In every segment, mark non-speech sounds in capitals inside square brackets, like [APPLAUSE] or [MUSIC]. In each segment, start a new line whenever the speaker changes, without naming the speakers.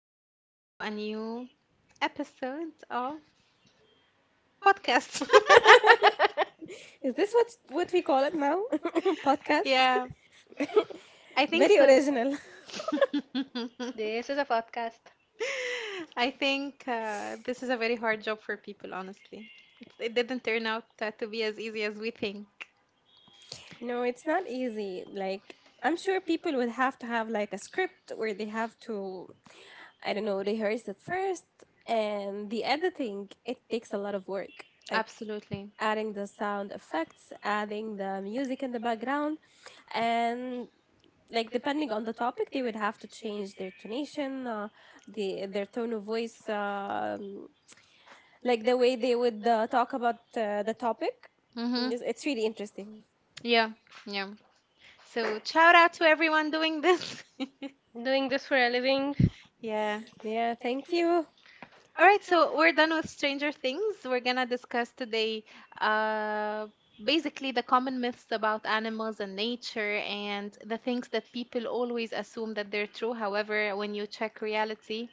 back to a new episode of podcast.
[LAUGHS]
Is this what we call it now? [LAUGHS]
[LAUGHS]
Podcast?
yeah,
[LAUGHS]
I think
Very
so.
original. [LAUGHS]
[LAUGHS]
This is a podcast.
I think This is a very hard job for people, honestly. It didn't turn out to be as easy as we think.
No, it's not easy. I'm sure people would have to have like a script where they have to, I don't know, rehearse it first, and the editing it takes a lot of work. Like
Absolutely.
adding the sound effects, adding the music in the background, and like depending on the topic they would have to change their tonation, their tone of voice, like the way they would talk about the topic.
Mm-hmm.
Yes, it's really interesting.
Yeah, yeah. So shout out to everyone doing this.
I'm doing this for a living.
[LAUGHS] yeah.
Yeah, thank you.
All right, so we're done with Stranger Things. We're gonna discuss today uh, basically the common myths about animals and nature and the things that people always assume that they're true. However, when you check reality,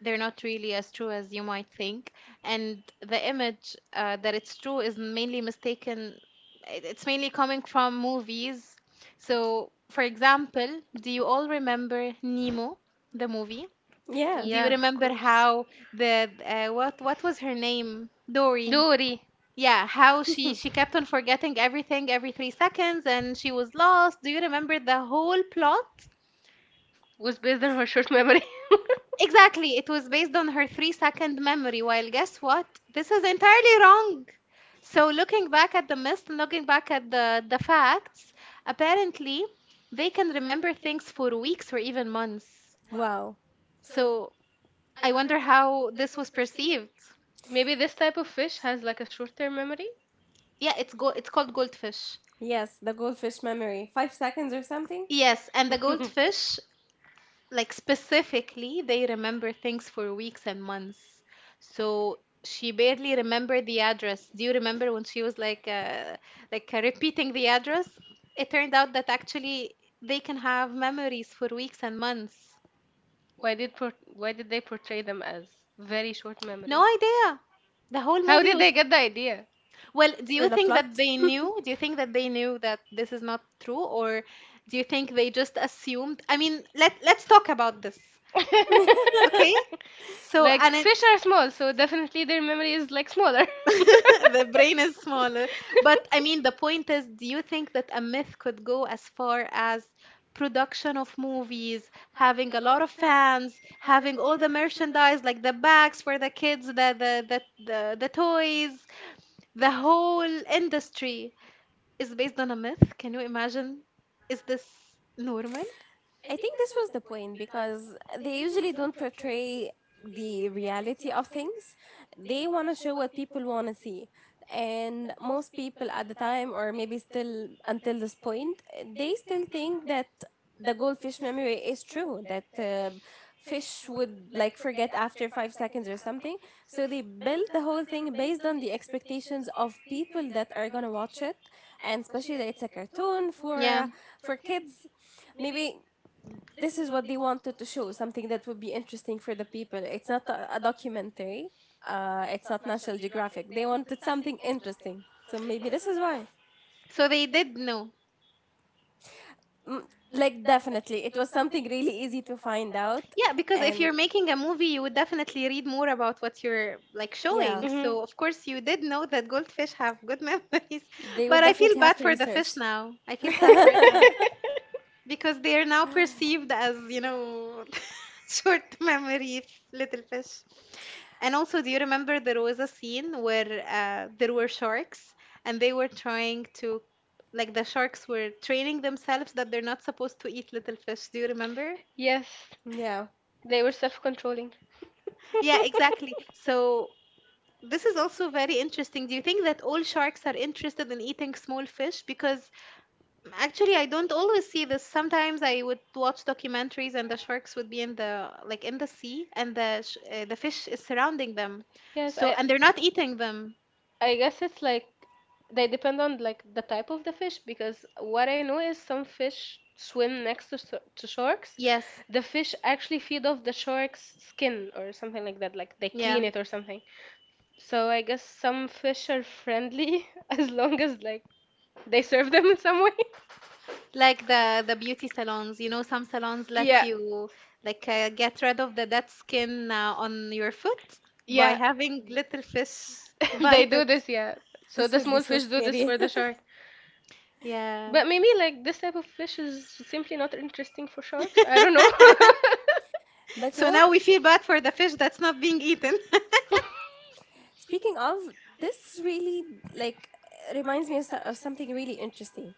they're not really as true as you might think. And the image that it's true is mainly mistaken, it's mainly coming from movies. So, for example, do you all remember Nemo, the movie?
Yeah.
Do you
Yeah, of
remember
course.
how the uh, what was her name? Dory.
Dory
Yeah, how she kept on forgetting everything every 3 seconds and she was lost. Do you remember the whole plot?
was based on her short memory.
Exactly, it was based on her 3 second memory. While guess what? This is entirely wrong. So looking back at the mist and looking back at the facts, apparently they can remember things for weeks or even months.
Wow.
So I wonder how this was perceived.
[LAUGHS] Maybe this type of fish has like a short-term memory.
Yeah, it's called goldfish.
Yes, the goldfish memory. 5 seconds or something.
Yes, and the goldfish,
[LAUGHS]
like specifically, they remember things for weeks and months. So she barely remembered the address. Do you remember when she was repeating the address? It turned out that actually they can have memories for weeks and months.
Why did they portray them as very short memory?
No idea. The whole
How
movie
did
was
they get the idea?
well, do
For
you
the
think that
plot.
they knew? Do you think that they knew that this is not true or do you think they just assumed? I mean, let's talk about this. Okay,
[LAUGHS]
[LAUGHS]
So, and it,
are small, so definitely their memory is like smaller.
[LAUGHS]
[LAUGHS]
the brain is smaller. But I mean, the point is, do you think that a myth could go as far as production of movies, having a lot of fans, having all the merchandise, like the bags for the kids, the toys, the whole industry is based on a myth? Can you imagine? Is this normal?
I think this was the point because they usually don't portray the reality of things. They want to show what people want to see. And most people at the time, or maybe still until this point, they still think that the goldfish memory is true, that fish would like forget after 5 seconds or something. So they built the whole thing based on the expectations of people that are going to watch it. And especially that it's a cartoon
Yeah.
for kids, maybe this is what they wanted to show, something that would be interesting for the people. It's not a documentary. It's not National Geographic. They wanted something interesting. So maybe this is why.
So they did know.
Mm. Like definitely, it was something really easy to find out,
Yeah, because if
and
you're making a movie, you would definitely read more about what you're like
yeah,
showing. So, of course, you did know that goldfish have good [LAUGHS] memories,
they
but
would
I feel
definitely have
bad
to
for the fish
research.
now. I feel
[LAUGHS]
sad for them because they are now perceived as, you know, [LAUGHS] short memory little fish. And also, do you remember there was a scene where there were sharks and they were trying to, like, the sharks were training themselves that they're not supposed to eat little fish. Do you remember?
Yes,
Yeah,
they were self-controlling. [LAUGHS]
Yeah, exactly. So this is also very interesting. Do you think that all sharks are interested in eating small fish? Because actually, I don't always see this. Sometimes I would watch documentaries, and the sharks would be in the like in the sea, and the sh the fish is surrounding them.
[LAUGHS] yes,
So, and they're not eating them.
I guess it's like they depend on like the type of the fish because what I know is some fish swim next to sharks.
Yes.
The fish actually feed off the shark's skin or something like that, like they
Yeah.
clean it or something. So I guess some fish are friendly [LAUGHS] as long as like they serve them in some way.
Like the beauty salons, you know, some salons let
Yeah,
you get rid of the dead skin on your foot by
yeah.
[LAUGHS] having
[LAUGHS]
little fish
They
bite [LAUGHS]
do
it.
this, yeah. So
this
the
would be
small
so
fish do this
scary.
for the shark.
Yes. Yeah.
But maybe
[LAUGHS]
like this type of fish is simply not interesting for sharks. I don't know.
[LAUGHS]
[LAUGHS]
[LAUGHS] But you
So
know,
now we feel bad for the fish that's not being eaten. [LAUGHS]
speaking of, this really like reminds me of of something really interesting.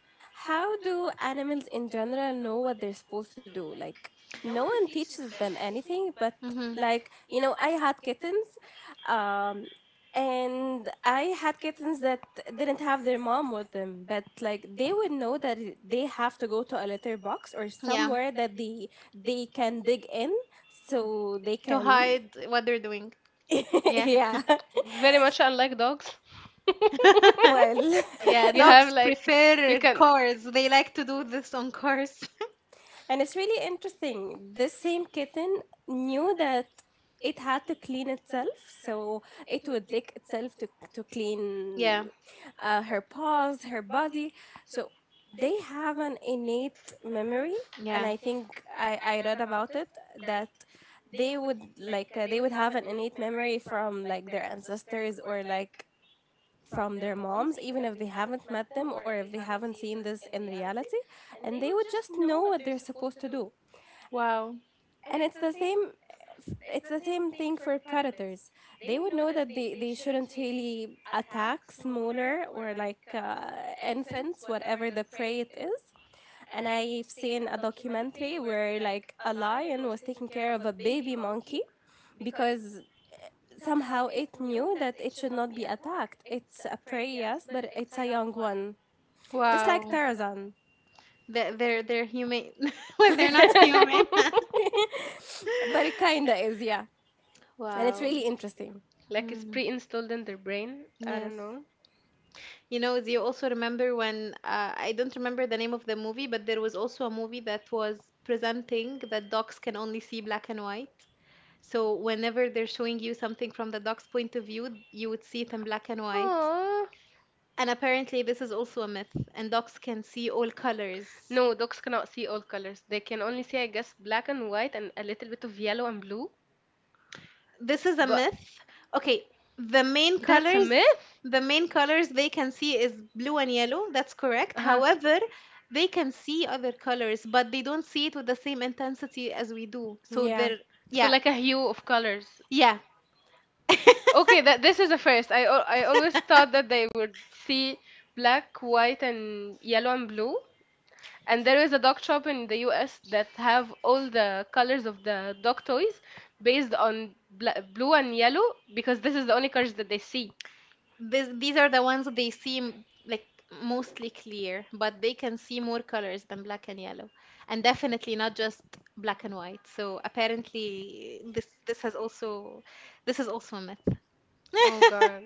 How do animals in general know what they're supposed to do? Like, no one teaches them anything, but
Mhm.
like, you know, I had kittens, um, and I had kittens that didn't have their mom with them, but like they would know that they have to go to a litter box or
Yeah.
somewhere that they can dig in, so they
To
can,
hide what they're doing.
[LAUGHS]
Yeah.
yeah. [LAUGHS]
Very much unlike dogs. [LAUGHS]
[LAUGHS]
Well.
Yeah,
you have
dogs
like you
prefer
can
cars. They like to do this on cars. [LAUGHS]
And it's really interesting. This same kitten knew that it had to clean itself, so it would lick itself to clean,
Yeah,
her paws, her body. So they have an innate memory, and
yeah.
I think I read about it that they would like, they would have an innate memory from like their ancestors, or like from their moms, even if they haven't met them or if they haven't seen this in reality, and they would just know what they're supposed to do,
Wow,
and it's the same, it's the same thing for predators. They would know that they shouldn't really attack smaller, or like, infants, whatever the prey it is. And I've seen a documentary where like a lion was taking care of a baby monkey because somehow it knew that it should not be attacked. It's a prey, yes, but it's a young one, just like
wow.
Tarzan.
They're human. [LAUGHS] Well, they're not human.
[LAUGHS]
But it kinda is, yeah.
[LAUGHS]
And it's
Wow.
really interesting.
like it's
Mm,
pre-installed in their brain. I don't
yes.
know.
You know, do you also remember when I don't remember the name of the movie, but there was also a movie that was presenting that dogs can only see black and white. So whenever they're showing you something from the dog's point of view, you would see it in black and white.
Aww.
And apparently, this is also a myth, and dogs can see all colors.
No, dogs cannot see all colors. They can only see, I guess, black and white and a little bit of yellow and blue.
This is a
But myth?
myth. Okay, the main
That's a
colors,
myth?
the main colors they can see is blue and yellow. That's correct.
Uh-huh.
However, they can see other colors, but they don't see it with the same intensity as we do. So
Yeah.
they're,
So
yeah,
like a hue of colors.
yeah. [LAUGHS]
Okay, that this is the first. I always [LAUGHS] thought that they would see black, white, and yellow and blue. And there is a dog shop in the US that have all the colors of the dog toys based on bla blue and yellow because this is the only colors that they see.
This, these are the ones they seem like mostly clear, but they can see more colors than black and yellow, and definitely not just black and white. So apparently, this is also a myth.
Oh
[LAUGHS]
God.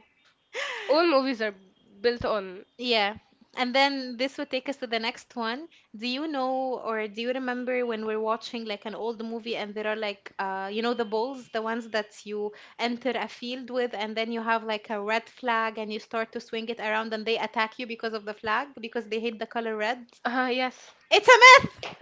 [LAUGHS] All movies are built on.
Yeah. And then this would take us to the next one. Do you know or do you remember when we're watching like an old movie and there are like you know the balls, the ones that you enter a field with and then you have like a red flag and you start to swing it around and they attack you because of the flag because they hate the color red?
Yes.
It's a myth,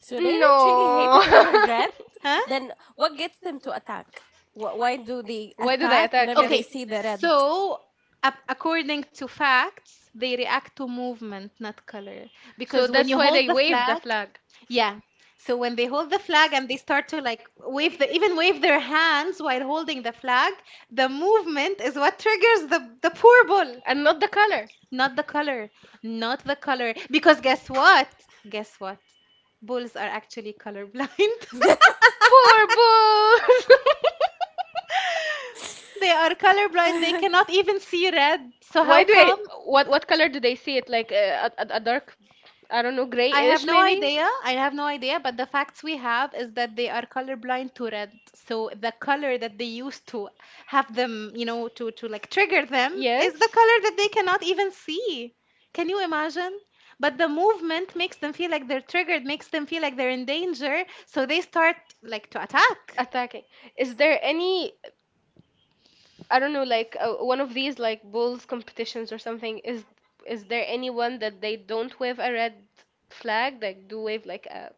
So they don't really hate the color [LAUGHS] red.
[LAUGHS]
huh?
Then what gets them to attack? Why do they
Why do they
attack
attack?
whenever
Yes.
they
Okay.
see the red?
So according to facts, they react to movement, not color.
So
Because when
that's
you
why
hold
they
the
wave the
flag,
flag.
yeah. So when they hold the flag and they start to wave their hands while holding the flag, the movement is what triggers the poor bull,
And not the color.
not the color, not the color. Because guess what? Guess what? Bulls are actually colorblind. [LAUGHS]
Poor bulls. [LAUGHS]
They are colorblind. They cannot
[LAUGHS]
even see red. So how
Why do I?
come?
What color do they see it? Like a dark, I don't know,
I have
grayish
no
maybe.
idea. I have no idea, but the facts we have is that they are colorblind to red. So the color that they used to have them, you know, to like trigger them is
Yes.
the color that they cannot even see. Can you imagine? But the movement makes them feel like they're triggered, makes them feel like they're in danger, so they start like to attack.
Attacking. Is there any, I don't know, like one of these like bulls competitions or something. Is there anyone that they don't wave a red flag? Like do wave like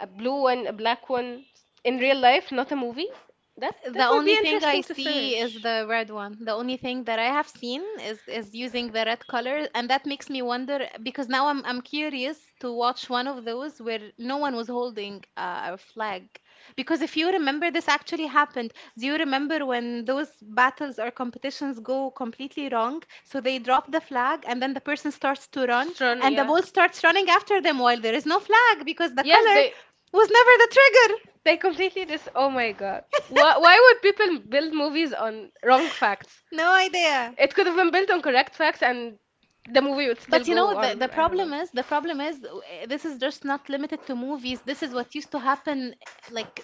a blue one, a black one in real life, not a movie? That
The
that would
only
be
thing I
interesting to
see is
search.
the red one. The only thing that I have seen is using the red color, and that makes me wonder because now I'm curious to watch one of those where no one was holding a flag. Because if you remember, this actually happened. Do you remember when those battles or competitions go completely wrong? So they drop the flag, and then the person starts to run,
Strong,
and the
yeah.
ball starts running after them while there is no flag because the
Yes,
color was never the trigger.
they completely dis. Oh my God. Why would people build movies on wrong facts?
No idea.
It could have been built on correct facts, and the movie would still
But you know
go
the,
on.
the
I don't know.
problem is the problem is this is just not limited to movies. This is what used to happen like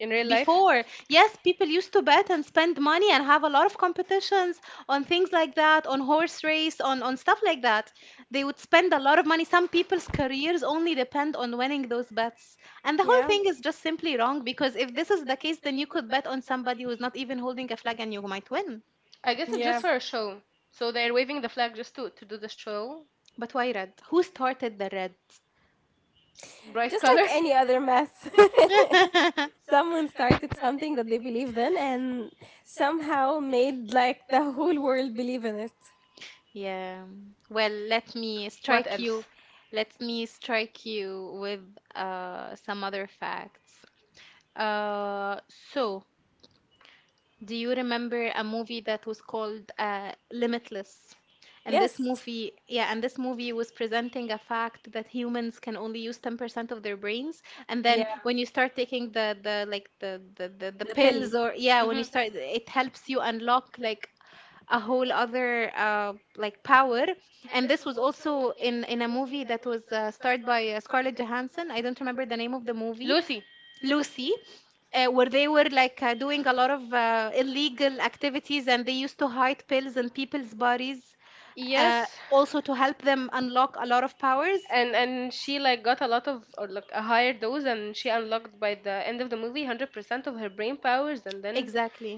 In real life,
before. Yes, people used to bet and spend money and have a lot of competitions on things like that, on horse race, on stuff like that. They would spend a lot of money. Some people's careers only depend on winning those bets. And the whole
Yeah,
thing is just simply wrong because if this is the case, then you could bet on somebody who's not even holding a flag and you might win.
I guess it's
yeah.
just for a show. So they're waving the flag just to do the show.
But why red? Who started the red?
Bright
Just
color? [LAUGHS]
like
Any
any other
other
math.
math? [LAUGHS]
[LAUGHS]
[LAUGHS]
Someone
Someone
started
started
something
something
that
that
they
they
believed
believed
in,
in,
and
and somehow made like the whole world believe in it.
Yeah. Well, let me
it. What
strike
started to, else?
you. Let me strike you with some other facts. Uh, so, do you remember a movie that was called Limitless? And this
Yes.
movie, yeah, and this movie was presenting a fact that humans can only use 10% of their brains.
And
And
then
Yeah,
then
when
when you start taking
uh,
the
like
like
the, like, the,
the
the pill.
pills
the
or
yeah,
yeah,
when it.
when you
Mhm.
start,
Started it,
it helps you unlock like a whole other like power.
and
And this was also
also
in a movie that was starred by
Scarlett
Scarlett
Johansson,
Johansson.
I
I
don't
don't
remember
remember the
the name
name
of
of
the
the
movie,
movie,
Lucy.
Lucy. Where they were like doing a lot of illegal activities and they used to hide pills in people's bodies uh,
Yes. Also
also
to
to
help
help
them
them
unlock
unlock a
a lot
lot
of
of
powers.
powers.
And she like got a lot of or like a higher dose, and she unlocked by the end of the movie 100% of her brain powers, and then exactly,
Exactly.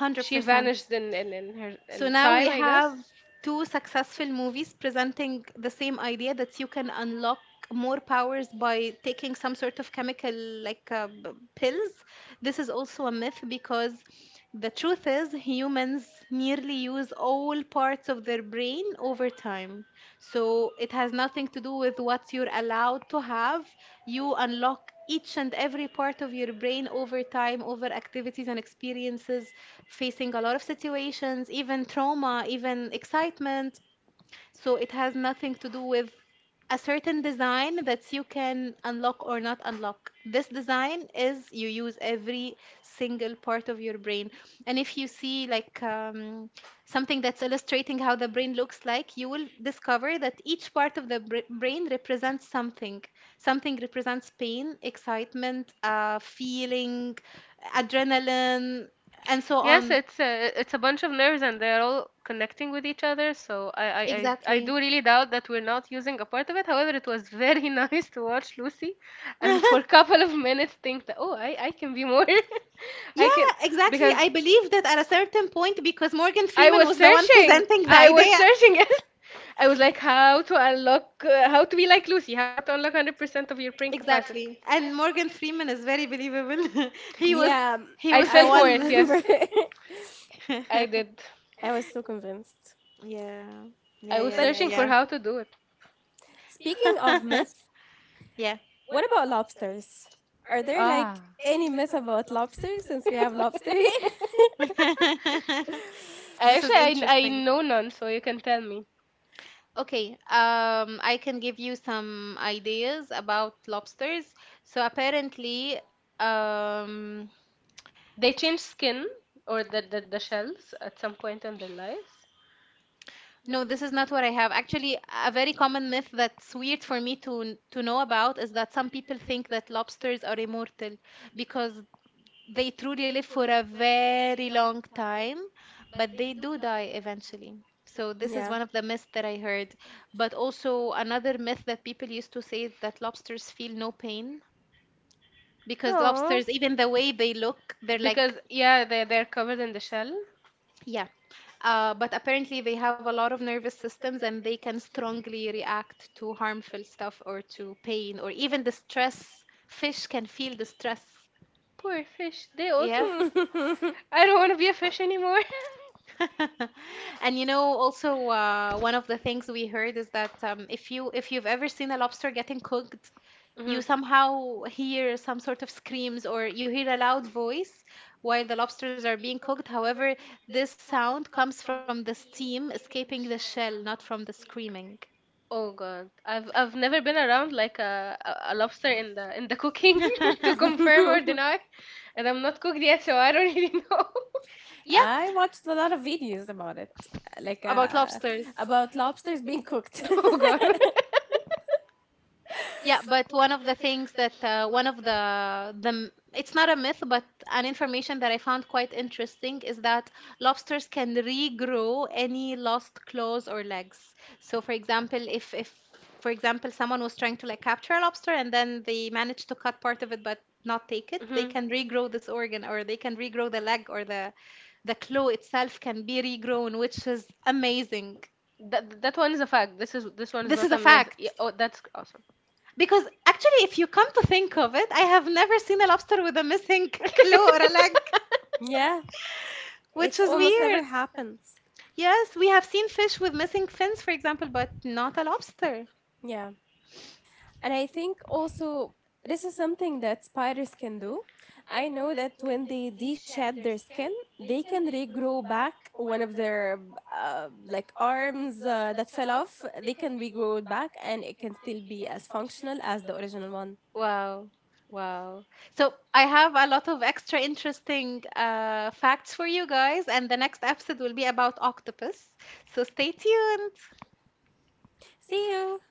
hundred she percent vanished in her. So in
So
now we
now
time,
we
I have
have
guess.
two successful movies presenting the same idea that you can unlock more powers by taking some sort of chemical like pills. This is also a myth because the truth is humans nearly use all parts of their brain over time. So it has nothing to do with what you're allowed to have. You unlock each and every part of your brain over time, over activities and experiences, facing a lot of situations, even trauma, even excitement. So it has nothing to do with a certain design that you can unlock or not unlock. This design is you use every single part of your brain. And if you see like something that's illustrating how the brain looks like, you will discover that each part of the br brain represents something. Something represents pain, excitement, feeling, adrenaline, and so
Yes,
on.
it's a bunch of nerves and they're all connecting with each other. So I exactly
Exactly.
do really doubt that we're not using a part of it. However, it was very [LAUGHS] nice to watch Lucy, and for a
[LAUGHS]
couple of minutes think that, oh, I can be more, [LAUGHS] I. Yeah,
Yeah,
can
exactly.
because
I believe that at a certain point because Morgan
I
Freeman
was
was the one
searching.
presenting the
I was
idea.
searching [LAUGHS] it. I was like, how to unlock, how to be like Lucy, how to unlock 100% of your brain capacity.
Exactly. And Morgan Freeman is very believable. [LAUGHS] He was
Yeah,
he
I
was
fell
the
I
for it,
one.
remember.
yes.
[LAUGHS]
I
[LAUGHS]
did.
I was so convinced.
Yeah.
I was
Yeah,
But
yeah,
searching for
yeah,
how to do it.
speaking of
yeah.
myths.
[LAUGHS] Yeah.
What about lobsters? Are there like
Ah.
any myth about lobsters since we have lobster
[LAUGHS]
here?
[LAUGHS]
I
This is
actually, I
interesting.
know none, so you can tell me.
Okay, I can give you some ideas about lobsters. So apparently, um,
They change skin or the shells at some point in their lives.
no, this is not what I have. Actually, a very common myth that's weird for me to know about is that some people think that lobsters are immortal because they truly live for a very long time, but they do die eventually. So this is
[LAUGHS] Yeah.
one of the myths that I heard. But also another myth that people used to say is that lobsters feel no pain because
Oh.
lobsters, even the way they look, they're
Because
like
yeah, they they're covered in the shell.
yeah, but apparently they have a lot of nervous systems and they can strongly react to harmful stuff or to pain or even the stress. Fish can feel the stress.
Poor fish. They
Yeah.
also. Yeah. f-
[LAUGHS]
[LAUGHS] I don't want to be a fish anymore. [LAUGHS]
[LAUGHS] And you know, also one of the things we heard is that if you if you've ever seen a lobster getting cooked,
hmm
you somehow hear some sort of screams or you hear a loud voice while the lobsters are being cooked. However, this sound comes from the steam escaping the shell, not from the screaming.
Oh God, I've never been around like a lobster in the cooking [LAUGHS] to confirm or [LAUGHS]
[LAUGHS]
deny, and I'm not cooked yet, so I don't really know. [LAUGHS]
Yeah,
I watched a lot of videos about it, like
about lobsters.
about lobsters being cooked. [LAUGHS]
Oh God.
[LAUGHS] Yeah, but one of the things that one of the m- it's not a myth, but an information that I found quite interesting is that lobsters can regrow any lost claws or legs. So, for example, if for example someone was trying to like capture a lobster and then they managed to cut part of it but not take
[LAUGHS]
it,
hmm
they can regrow this organ or they can regrow the leg or the claw itself can be regrown, which is amazing.
That that one is a fact. This is this one.
This is a fact.
Yeah, oh, that's awesome.
Because actually, if you come to think of it, I have never seen a lobster with a missing [LAUGHS] claw
[LAUGHS]
or a leg,
Yeah,
which
it
is
almost never
weird.
happens.
Yes, we have seen fish with missing fins, for example, but not a lobster.
Yeah. And I think also this is something that spiders can do. I know that when they de-shed their skin, they can regrow back one of their, like arms that fell off. They can regrow it back, and it can still be as functional as the original one.
Wow. Wow. So I have a lot of extra interesting facts for you guys, and the next episode will be about octopus. So stay tuned.
See you.